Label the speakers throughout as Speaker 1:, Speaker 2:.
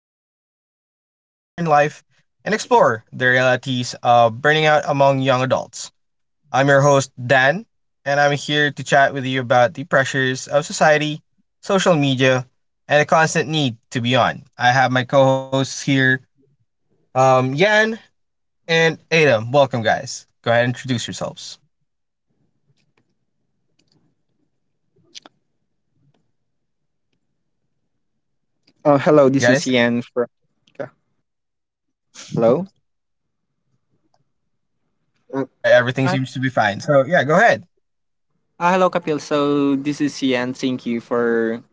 Speaker 1: overwhelming world of modern life and explore the realities of burning out among young adults. I'm your host Dan, and I'm here to chat with you about the pressures of society, social media, and the constant need to be on. I have my co-hosts here, Yan and Adam. Welcome, guys. Go ahead and introduce yourselves,
Speaker 2: Oh, hello. This is
Speaker 1: guys.
Speaker 2: Ian from. Yeah. Hello. Uh,
Speaker 1: All right, everything
Speaker 2: Hi.
Speaker 1: seems to be fine. So yeah, go ahead.
Speaker 2: Ah, hello, Kapil. So this is Ian. Thank you for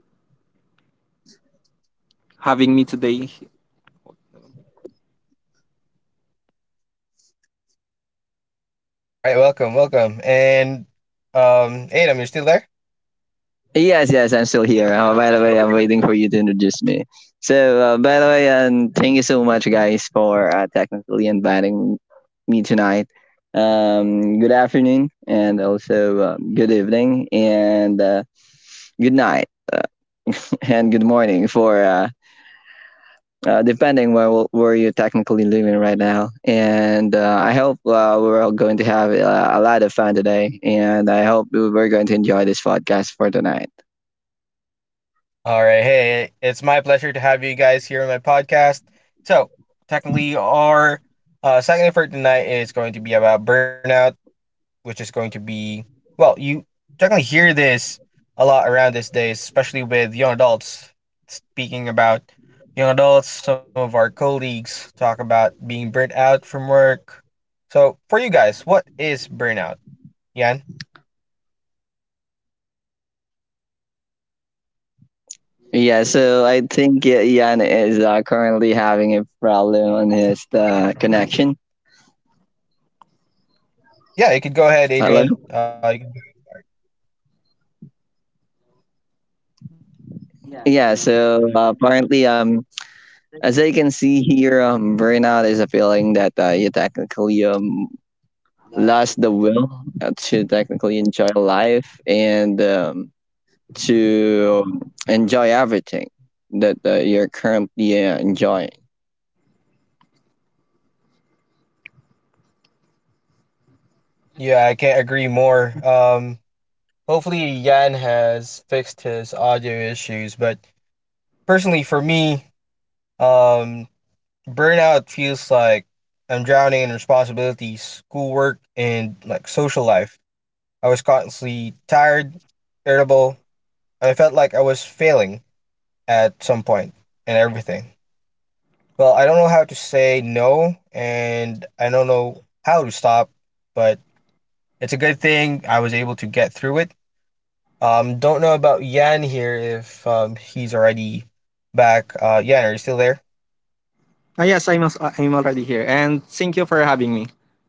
Speaker 2: having me today.
Speaker 1: All right, welcome, welcome. And Adam, you're still there?
Speaker 3: Yes, yes, I'm still here. By the way, I'm waiting for you to introduce me. So, by the way, and thank you so much, guys, for technically inviting me tonight. Good afternoon, and also good evening, and good night, uh, and good morning for depending where you're technically living right now. And I hope we're all going to have a lot of fun today, and I hope we're going to enjoy this podcast for tonight.
Speaker 1: All right, hey, it's my pleasure to have you guys here on my podcast. So, technically our second effort tonight is going to be about burnout, which is going to be, well, you technically hear this a lot around these days, especially with young adults speaking about young adults, some of our colleagues talk about being burnt out from work. So, for you guys, what is burnout? Yan?
Speaker 3: Yeah, so I think Yan is currently having a problem on his connection.
Speaker 1: It's all right. So yeah, you could go ahead,
Speaker 3: Hello.
Speaker 1: Adrian.
Speaker 3: Yeah, so apparently, as I can see here, burnout is a feeling that you technically lost the will to technically enjoy life and to enjoy everything that you're currently enjoying.
Speaker 1: Yeah, I can't agree more. Hopefully Yan has fixed his audio issues, but personally for me, um, burnout feels like I'm drowning in responsibilities, schoolwork, and like social life. I was constantly tired, irritable, and I felt like I was failing at some point in everything. Well, I don't know how to say no, and I don't know how to stop, but it's a good thing I was able to get through it. Don't know about Yan here if he's already back. Yan, are you still there?
Speaker 2: Ah, yes, I'm already here, and thank you for having me.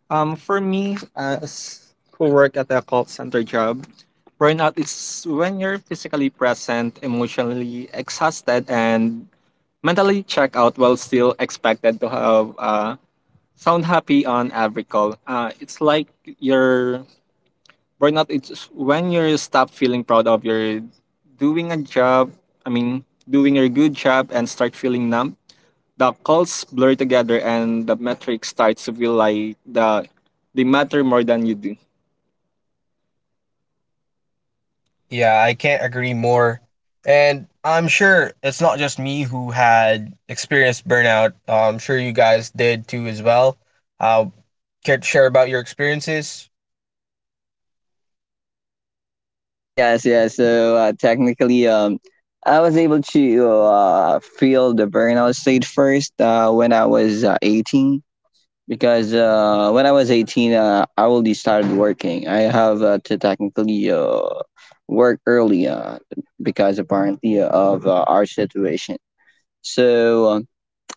Speaker 2: For me, as who work at a call center job, burnout is when you're physically present, emotionally exhausted, and mentally checked out while still expected to have a sound happy on every call. It's like you're burnout. It's when you stop feeling proud of your doing a job. I mean, doing your good job and start feeling numb. The calls blur together and the metric starts to feel like they matter more than you do.
Speaker 1: Yeah, I can't agree more. And I'm sure it's not just me who had experienced burnout. I'm sure you guys did too as well. Uh, Care to share about your experiences?
Speaker 3: Yes, yes. So technically, I was able to feel the burnout stage first when I was 18. Because when I was 18, I already started working. I have to technically work early because apparently of our situation. So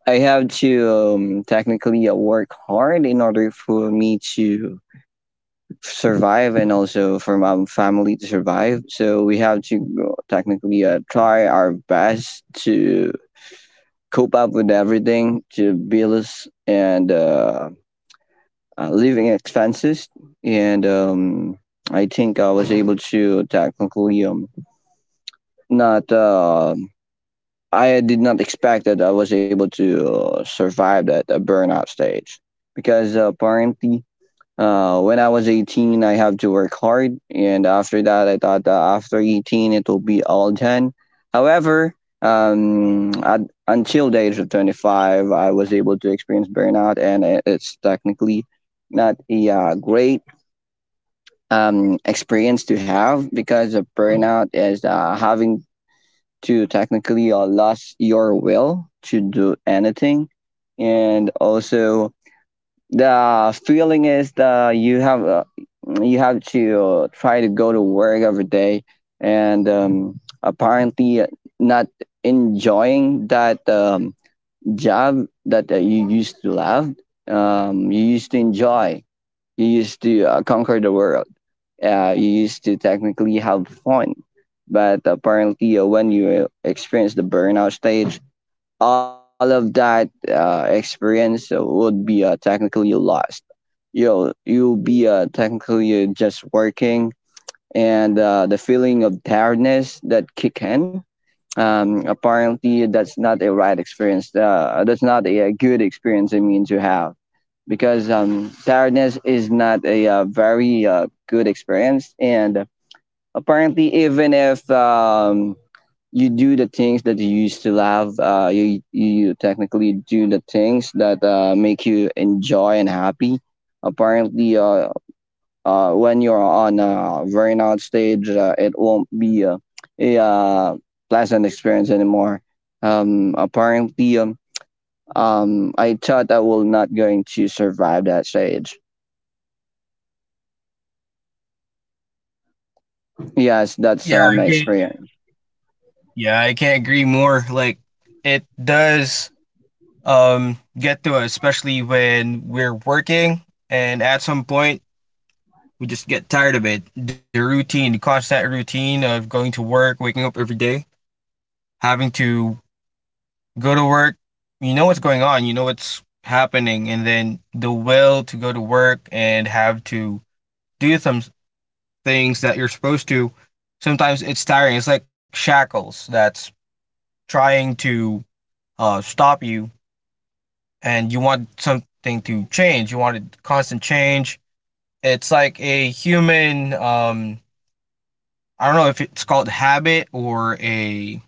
Speaker 3: I have to technically work hard in order for me to survive and also for my family to survive. So we have to technically try our best to cope up with everything, to bills and living expenses. And I think I was able to technically not. I did not expect that I was able to survive that burnout stage because apparently when I was 18, I have to work hard, and after that, I thought that after 18, it will be all done. However, um, at, until the age of 25, I was able to experience burnout, and it's technically not a great experience to have because of burnout is having to technically lose your will to do anything, and also the feeling is that you have to try to go to work every day, and apparently not enjoying that job that you used to love. You used to enjoy. You used to conquer the world. You used to technically have fun. But apparently, when you experience the burnout stage, all of that experience would be technically lost. You'll be technically just working and the feeling of tiredness that kick in. Apparently that's not a right experience that's not a, a good experience I mean to have because tiredness is not a, very good experience, and apparently even if you do the things that you used to love you, you technically do the things that make you enjoy and happy. Apparently when you're on a burnout stage, it won't be a pleasant experience anymore. Um, apparently, um, I thought I will not going to survive that stage. Yes, that's
Speaker 1: Yeah, I
Speaker 3: my
Speaker 1: can't.
Speaker 3: experience.
Speaker 1: Yeah, I can't agree more. Like it does get to us, especially when we're working, and at some point we just get tired of it. The routine, the constant routine of going to work, waking up every day, having to go to work. You know what's going on, you know what's happening, and then the will to go to work and have to do some things that you're supposed to. Sometimes it's tiring. It's like shackles that's trying to stop you, and you want something to change. You want a constant change. It's like a human, I don't know if it's called habit or a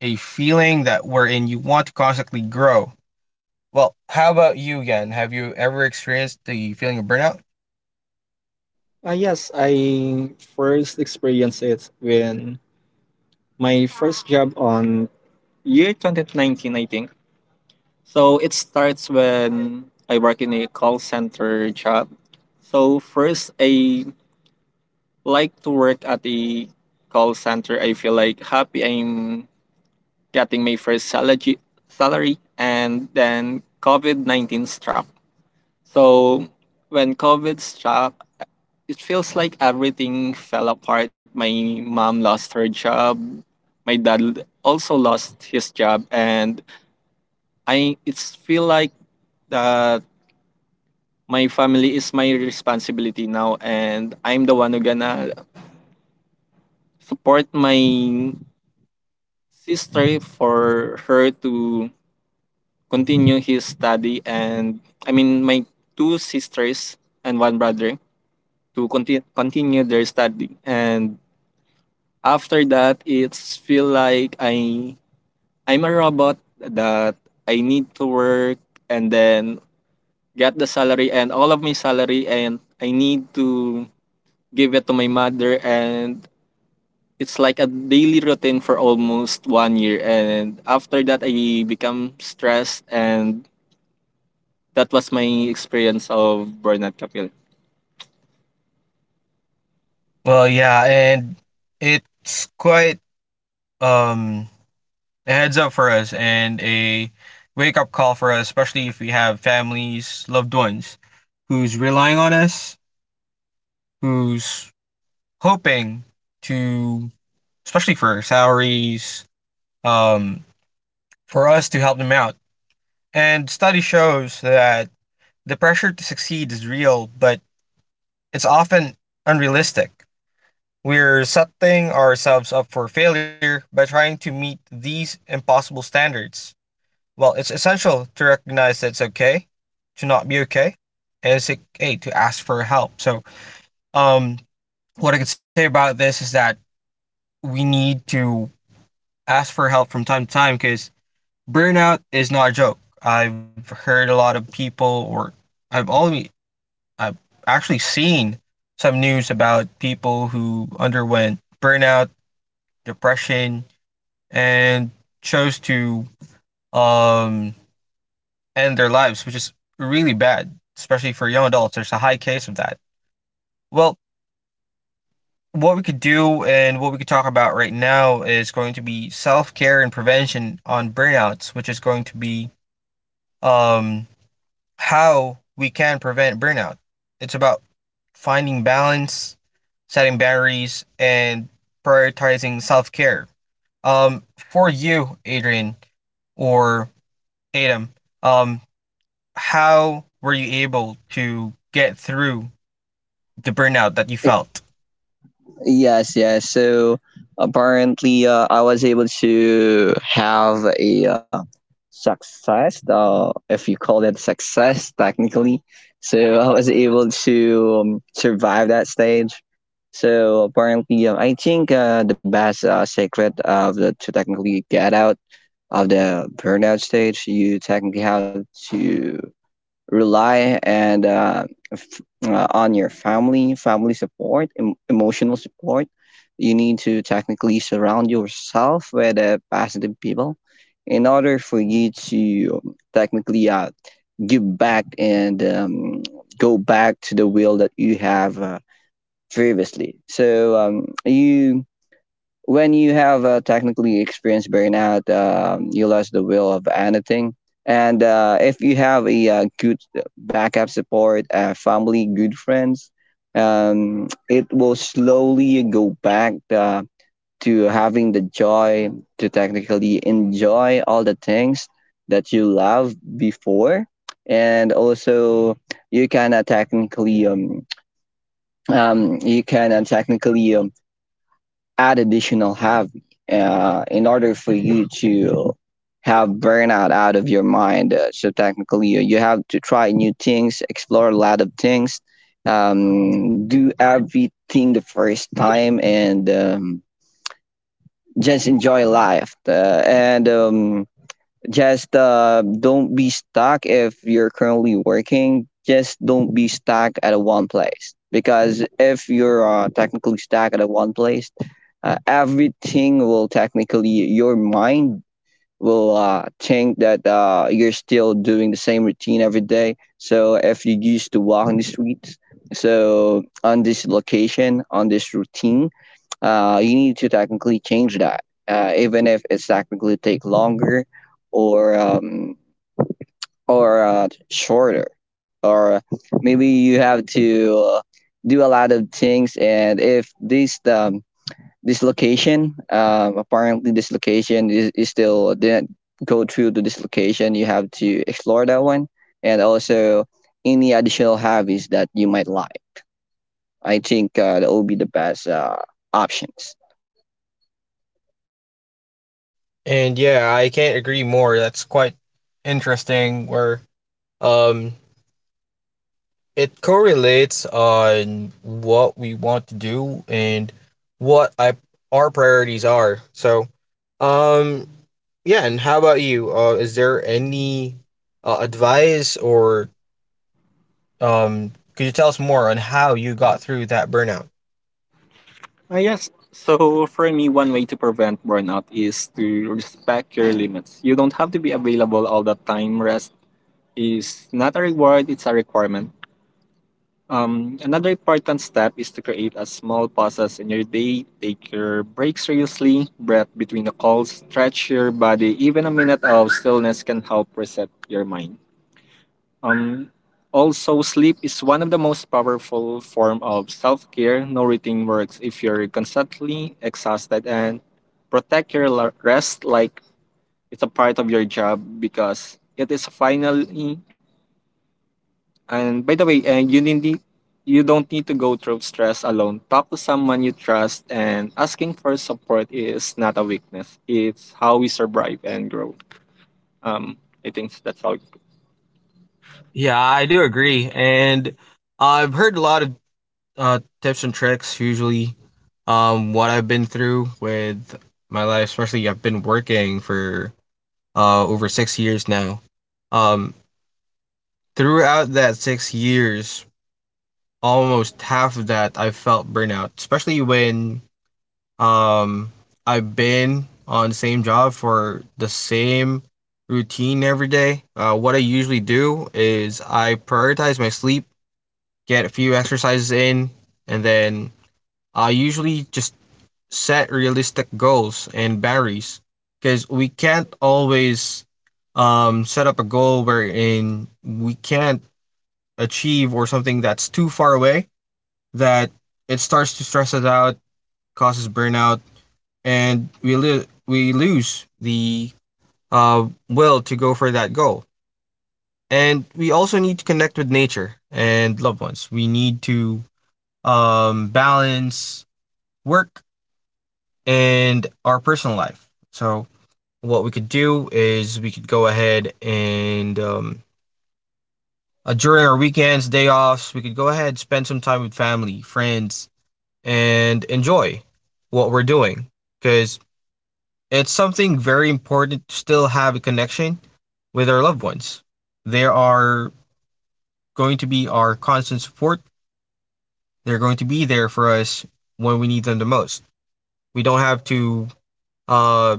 Speaker 1: a feeling that wherein you want to constantly grow. Well, how about you, Yan? Have you ever experienced the feeling of burnout?
Speaker 2: Yes, I first experienced it when my first job on year 2019, I think. So it starts when I work in a call center job. So first, I like to work at the call center. I feel like happy I'm getting my first salary, and then COVID 19 struck. So when COVID struck, it feels like everything fell apart. My mom lost her job. My dad also lost his job, and I it's feel like that my family is my responsibility now, and I'm the one who gonna support my sister for her to continue his study, and I mean my two sisters and one brother to continue their study. And after that, it's feel like I'm a robot that I need to work and then get the salary and all of my salary and I need to give it to my mother, and it's like a daily routine for almost one year. And after that I become stressed, and that was my experience of burnout, Kapil.
Speaker 1: Well, yeah, and it's quite, um a heads up for us and a wake up call for us, especially if we have families, loved ones who's relying on us, who's hoping to, especially for salaries, um, for us to help them out. And study shows that the pressure to succeed is real, but it's often unrealistic. We're setting ourselves up for failure by trying to meet these impossible standards. Well, it's essential to recognize that it's okay to not be okay, and it's okay to ask for help. So, um, what I could say about this is that we need to ask for help from time to time because burnout is not a joke. I've heard a lot of people, or I've always I've actually seen some news about people who underwent burnout, depression, and chose to um, end their lives, which is really bad, especially for young adults. There's a high case of that. Well, what we could do and what we could talk about right now is going to be self care and prevention on burnouts, which is going to be, um, how we can prevent burnout. It's about finding balance, setting boundaries, and prioritizing self care. For you, Adrian or Adam, um, how were you able to get through the burnout that you felt?
Speaker 3: Yes, yes. So apparently, I was able to have a success, if you call it success technically. So I was able to survive that stage. So apparently, I think the best secret of the to technically get out of the burnout stage, you technically have to rely and f- on your family, family support, emotional support. You need to technically surround yourself with positive people in order for you to technically give back and go back to the will that you have previously. So you when you have technically experienced burnout, you lost the will of anything. And if you have a, good backup support, family, good friends, it will slowly go back to having the joy to technically enjoy all the things that you loved before. And also, you can technically you can technically add additional hobby in order for you to have burnout out of your mind. So technically, you have to try new things, explore a lot of things, do everything the first time, and just enjoy life. And just don't be stuck if you're currently working. Just don't be stuck at a one place because if you're technically stuck at a one place, everything will technically your mind will think that you're still doing the same routine every day. So if you used to walk in the streets, so on this location, on this routine, you need to technically change that, even if it's technically take longer, or um, or shorter, or maybe you have to do a lot of things. And if this this location, apparently this location is still didn't go through to this location, you have to explore that one, and also any additional hobbies that you might like. I think that will be the best options.
Speaker 1: And yeah, I can't agree more. That's quite interesting. Where um, it correlates on what we want to do and what I, our priorities are. So, um, yeah. And how about you? Is there any advice or, could you tell us more on how you got through that burnout?
Speaker 2: Ah, yes, so for me one way to prevent burnout is to respect your limits. You don't have to be available all the time. Rest is not a reward, it's a requirement. Another important step is to create a small pauses in your day. Take your break seriously, breath between the calls, stretch your body. Even a minute of stillness can help reset your mind. Um, Also, sleep is one of the most powerful form of self-care. No routine works if you're constantly exhausted, and protect your rest like it's a part of your job because it is finally. And by the way, you don't need to go through stress alone. Talk to someone you trust, and asking for support is not a weakness. It's how we survive and grow. Um, I think that's how. It
Speaker 1: Yeah, I do agree, and I've heard a lot of tips and tricks. Usually, what I've been through with my life, especially I've been working for over 6 years now. Um, Throughout that 6 years, almost half of that I felt burnout, especially when, um, I've been on the same job for the same routine every day. What I usually do is I prioritize my sleep, get a few exercises in, and then I usually just set realistic goals and boundaries because we can't always, set up a goal wherein we can't achieve or something that's too far away that it starts to stress us out, causes burnout, and we lose the will to go for that goal. And we also need to connect with nature and loved ones. We need to balance work and our personal life. So what we could do is we could go ahead and during our weekends, day offs, we could go ahead and spend some time with family, friends, and enjoy what we're doing because it's something very important to still have a connection with our loved ones. They are going to be our constant support. They're going to be there for us when we need them the most. We don't have to uh,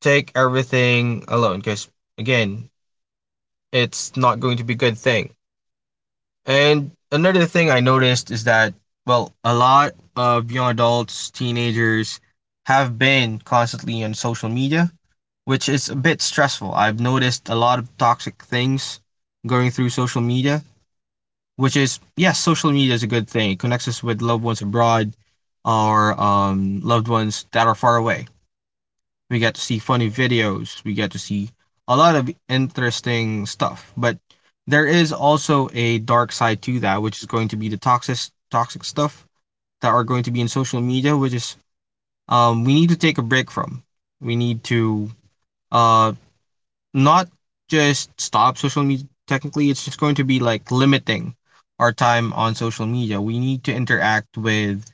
Speaker 1: take everything alone because, again, it's not going to be a good thing. And another thing I noticed is that, well, a lot of young adults, teenagers have been constantly on social media, which is a bit stressful. I've noticed a lot of toxic things going through social media, which is, yes, social media is a good thing. It connects us with loved ones abroad or, loved ones that are far away. We get to see funny videos, we get to see a lot of interesting stuff. But there is also a dark side to that, which is going to be the toxic stuff that are going to be in social media, which is, we need to take a break from. We need to uh, not just stop social media, technically it's just going to be like limiting our time on social media. We need to interact with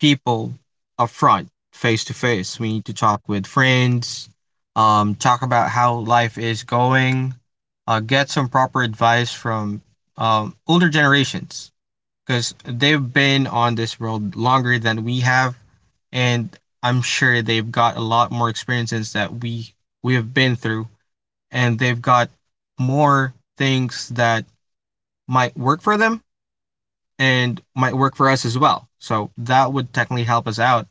Speaker 1: people up front, face to face. We need to talk with friends, talk about how life is going, get some proper advice from, older generations, because they've been on this world longer than we have, and I'm sure they've got a lot more experiences that we have been through, and they've got more things that might work for them and might work for us as well. So that would technically help us out.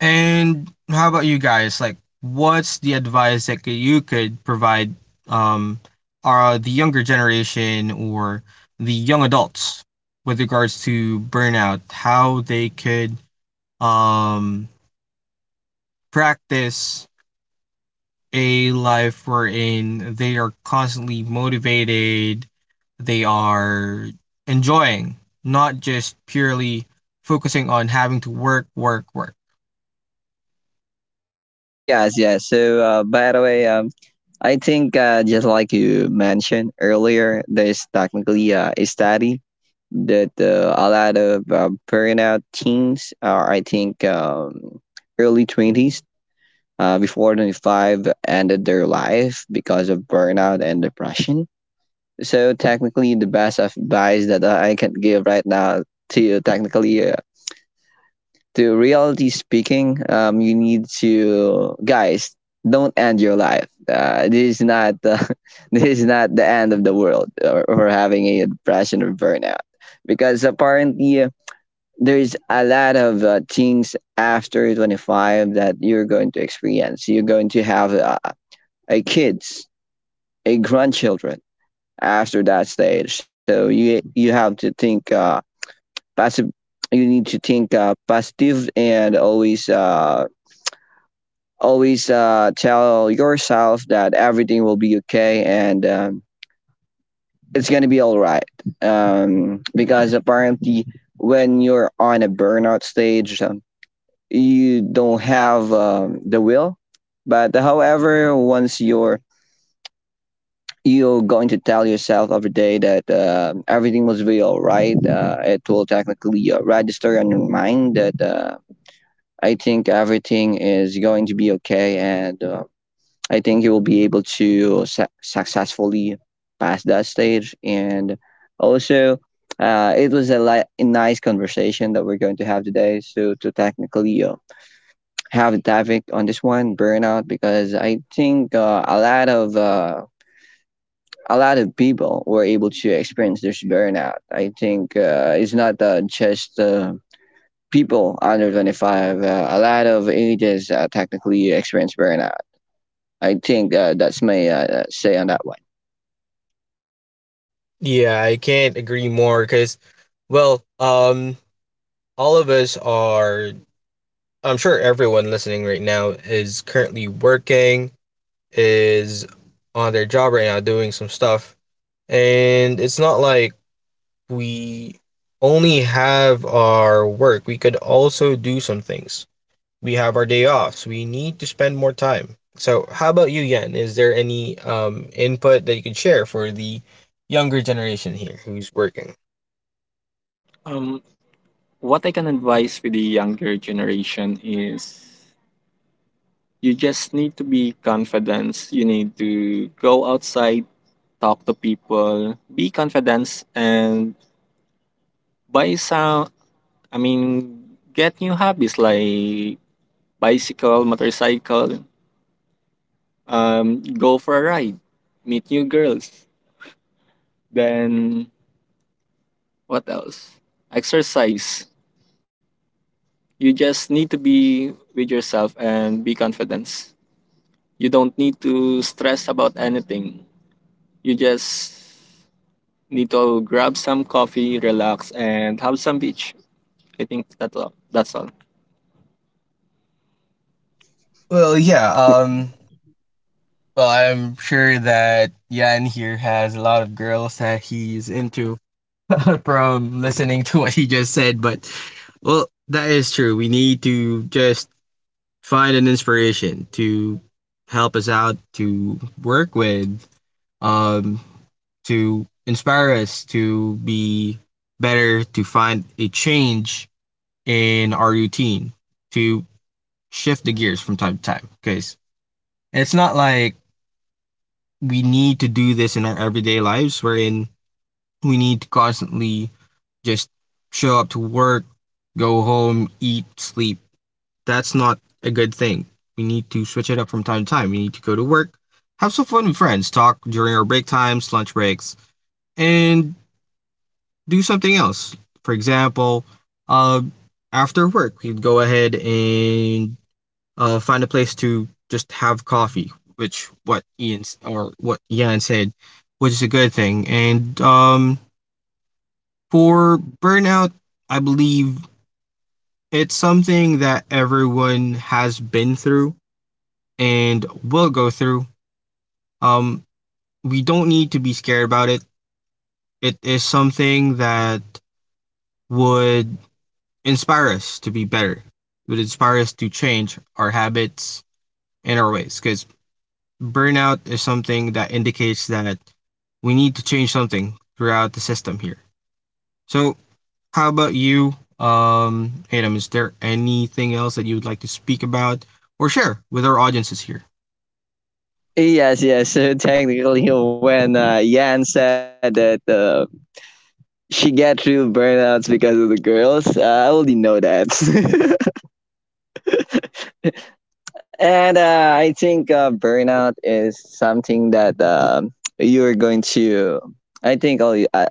Speaker 1: And how about you guys? Like, what's the advice that you could provide, um, are the younger generation or the young adults with regards to burnout? How they could, um, practice a life wherein they are constantly motivated, they are enjoying, not just purely focusing on having to work, work, work.
Speaker 3: Yes, yes. So, by the way, I think just like you mentioned earlier, there's technically a study that a lot of burnout teens are, I think, early 20s before 25 ended their life because of burnout and depression. So technically, the best advice that I can give right now to technically, to reality speaking, you need to guys don't end your life. This is not this is not the end of the world or having a depression or burnout because apparently. There's a lot of things after 25 that you're going to experience. You're going to have a kids, a grandchildren after that stage. So you have to think passive. You need to think positive and always tell yourself that everything will be okay and it's gonna be all right. Because apparently, when you're on a burnout stage, you don't have the will. But however, once you're going to tell yourself every day that everything was real, right? It will technically register in your mind that I think everything is going to be okay, and I think you will be able to successfully pass that stage. And also, it was a nice conversation that we're going to have today. So to technically have a topic on this one, burnout, because I think a lot of people were able to experience this burnout. I think it's not just people under 25, a lot of ages technically experience burnout. I think that's my say on that one.
Speaker 1: Yeah, I can't agree more because, well, all of us are, I'm sure everyone listening right now is currently working, is on their job right now doing some stuff. And it's not like we only have our work, we could also do some things. We have our day offs. We need to spend more time. So, how about you, Yen? Is there any input that you could share for the younger generation here who's working?
Speaker 2: Um, what I can advise with the younger generation is you just need to be confident. You need to go outside, talk to people, be confident, and buy some. I mean, get new hobbies like bicycle, motorcycle, go for a ride, meet new girls. Then what else? Exercise. You just need to be with yourself and be confident. You don't need to stress about anything. You just need to grab some coffee, relax, and have some beach. I think that's all. That's all.
Speaker 1: Well, yeah. Well, I'm sure that Yan here has a lot of girls that he's into from listening to what he just said. But, well, that is true. We need to just find an inspiration to help us out, to work with, um, to inspire us to be better, to find a change in our routine, to shift the gears from time to time. Because it's not like we need to do this in our everyday lives, wherein we need to constantly just show up to work, go home, eat, sleep, that's not a good thing. We need to switch it up from time to time. We need to go to work, have some fun with friends, talk during our break times, lunch breaks, and do something else. For example, uh, after work, we'd go ahead and find a place to just have coffee, which what Ian or what Ian said, which is a good thing. And for burnout, I believe it's something that everyone has been through and will go through. Um, we don't need to be scared about it. It is something that would inspire us to be better. It would inspire us to change our habits and our ways. Because burnout is something that indicates that we need to change something throughout the system here. So, how about you, Adam? Is there anything else that you would like to speak about or share with our audiences here?
Speaker 3: Yes, yes. So technically, when Yan said that she get through burnouts because of the girls, I already know that. And I think burnout is something that you're going to I think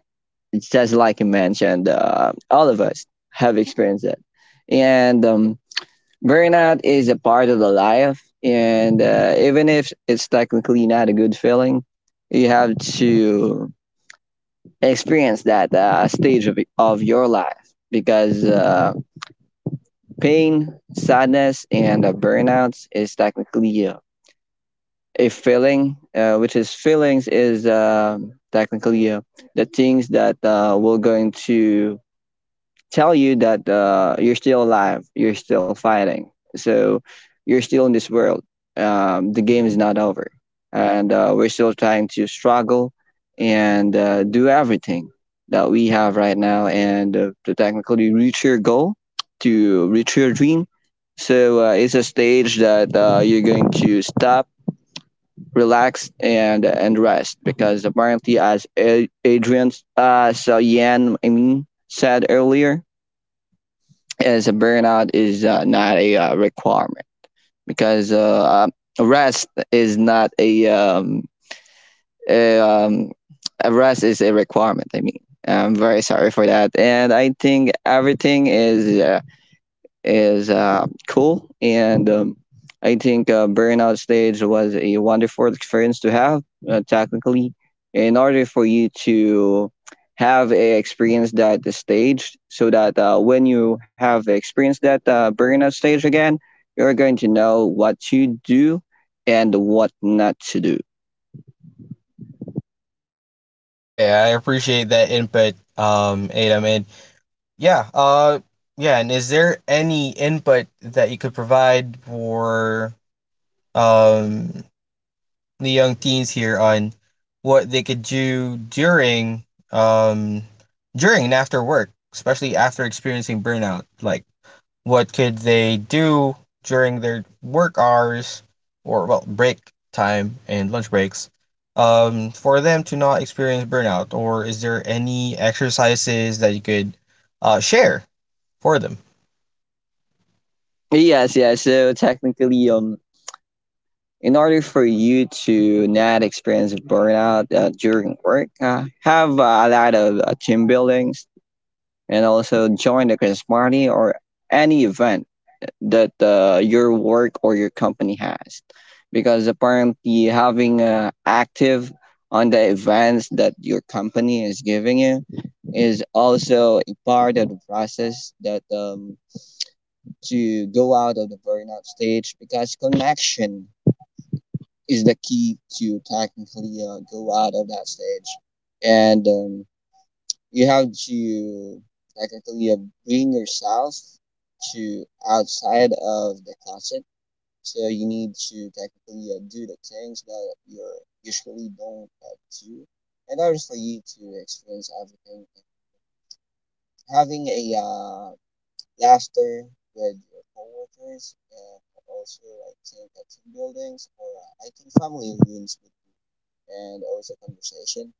Speaker 3: it's just like you mentioned, all of us have experienced it. And burnout is a part of the life. And even if it's technically not a good feeling, you have to experience that of your life because pain, sadness, and burnouts is technically a feeling, which is feelings is technically the things that will going to tell you that you're still alive, you're still fighting. So you're still in this world. The game is not over, and we're still trying to struggle and do everything that we have right now and to technically reach your goal, to reach your dream. So it's a stage that you're going to stop, relax, and rest because apparently, as Adrian, so Yan, I mean, said earlier, as a burnout is not a requirement because rest is not a um, a rest is a requirement. I mean, I'm very sorry for that, and I think everything is cool. And I think Burnout Stage was a wonderful experience to have, technically. In order for you to have a experience that is staged, so that when you have experienced that Burnout Stage again, you're going to know what to do and what not to do.
Speaker 1: Yeah, I appreciate that input, Adam. And yeah, yeah, and is there any input that you could provide for um the young teens here on what they could do during um during and after work, especially after experiencing burnout? Like what could they do during their work hours or, well, break time and lunch breaks for them to not experience burnout, or is there any exercises that you could share for them?
Speaker 3: Yes, yes. So technically, in order for you to not experience burnout during work, have a lot of team buildings and also join the Christmas party or any event that your work or your company has. Because apparently, having active on the events that your company is giving you is also a part of the process that to go out of the burnout stage because connection is the key to technically go out of that stage. And you have to technically bring yourself to outside of the closet. So you need to technically do the things that you usually don't do in order for you to experience everything. Having a laughter with your coworkers and also I think team buildings or I think family rooms and also conversation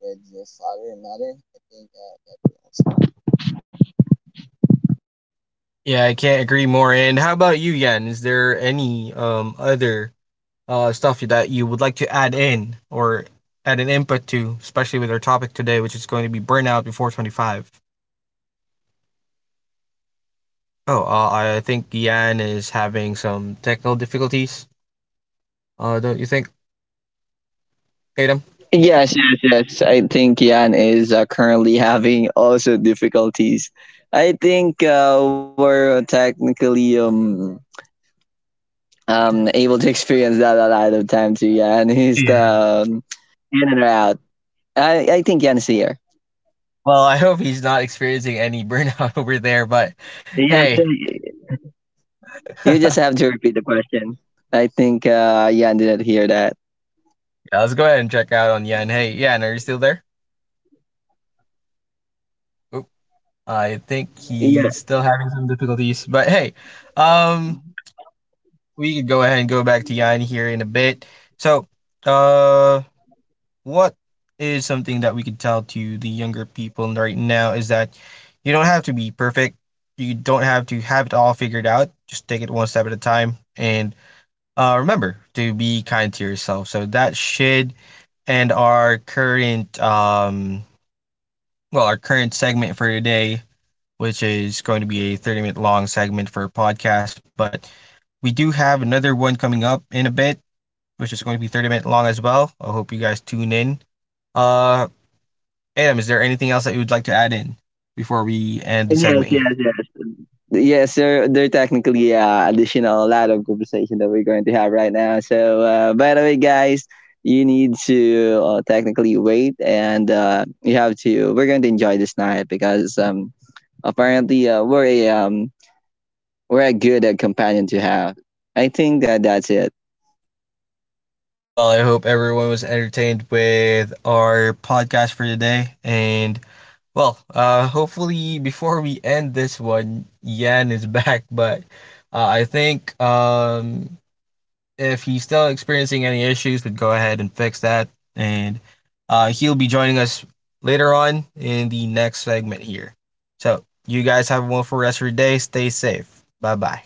Speaker 3: with your father and mother. I think that would also help.
Speaker 1: Yeah, I can't agree more. And how about you, Yan? Is there any other stuff that you would like to add in or add an input to, especially with our topic today, which is going to be burnout before 25? Oh, I think Yan is having some technical difficulties. Don't you think, Adam?
Speaker 3: Yes, yes, yes. I think Yan is currently having also difficulties. I think we're technically able to experience that a lot of time too. Yan he's the
Speaker 1: Yeah.
Speaker 3: um, in and out. I think Yan's here.
Speaker 1: Well, I hope he's not experiencing any burnout over there, but hey,
Speaker 3: Yes, you
Speaker 1: yeah,
Speaker 3: just have to repeat the question. I think Yan didn't hear that.
Speaker 1: let's go ahead and check out on Yan. Hey, Yan, are you still there? I think he's still having some difficulties, but hey, um, we could go ahead and go back to Jan here in a bit. So, uh, what is something that we could tell to the younger people right now is that you don't have to be perfect. You don't have to have it all figured out. Just take it one step at a time, and remember to be kind to yourself. So that should end our current, well, our current segment for today, which is going to be a 30-minute long segment for a podcast. But we do have another one coming up in a bit, which is going to be 30-minute long as well. I hope you guys tune in. Uh, Adam, is there anything else that you would like to add in before we end the
Speaker 3: Yes,
Speaker 1: segment here?
Speaker 3: yes, yes. Yes, sir. They're technically additional lot of conversation that we're going to have right now. So, by the way, guys, you need to technically wait, and you have to. We're going to enjoy this night because apparently we're a good companion to have. I think that that's it.
Speaker 1: Well, I hope everyone was entertained with our podcast for today. And well, hopefully before we end this one, Yan is back, but I think, if he's still experiencing any issues, we'd go ahead and fix that. And he'll be joining us later on in the next segment here. So, you guys have a wonderful rest of your day. Stay safe. Bye bye.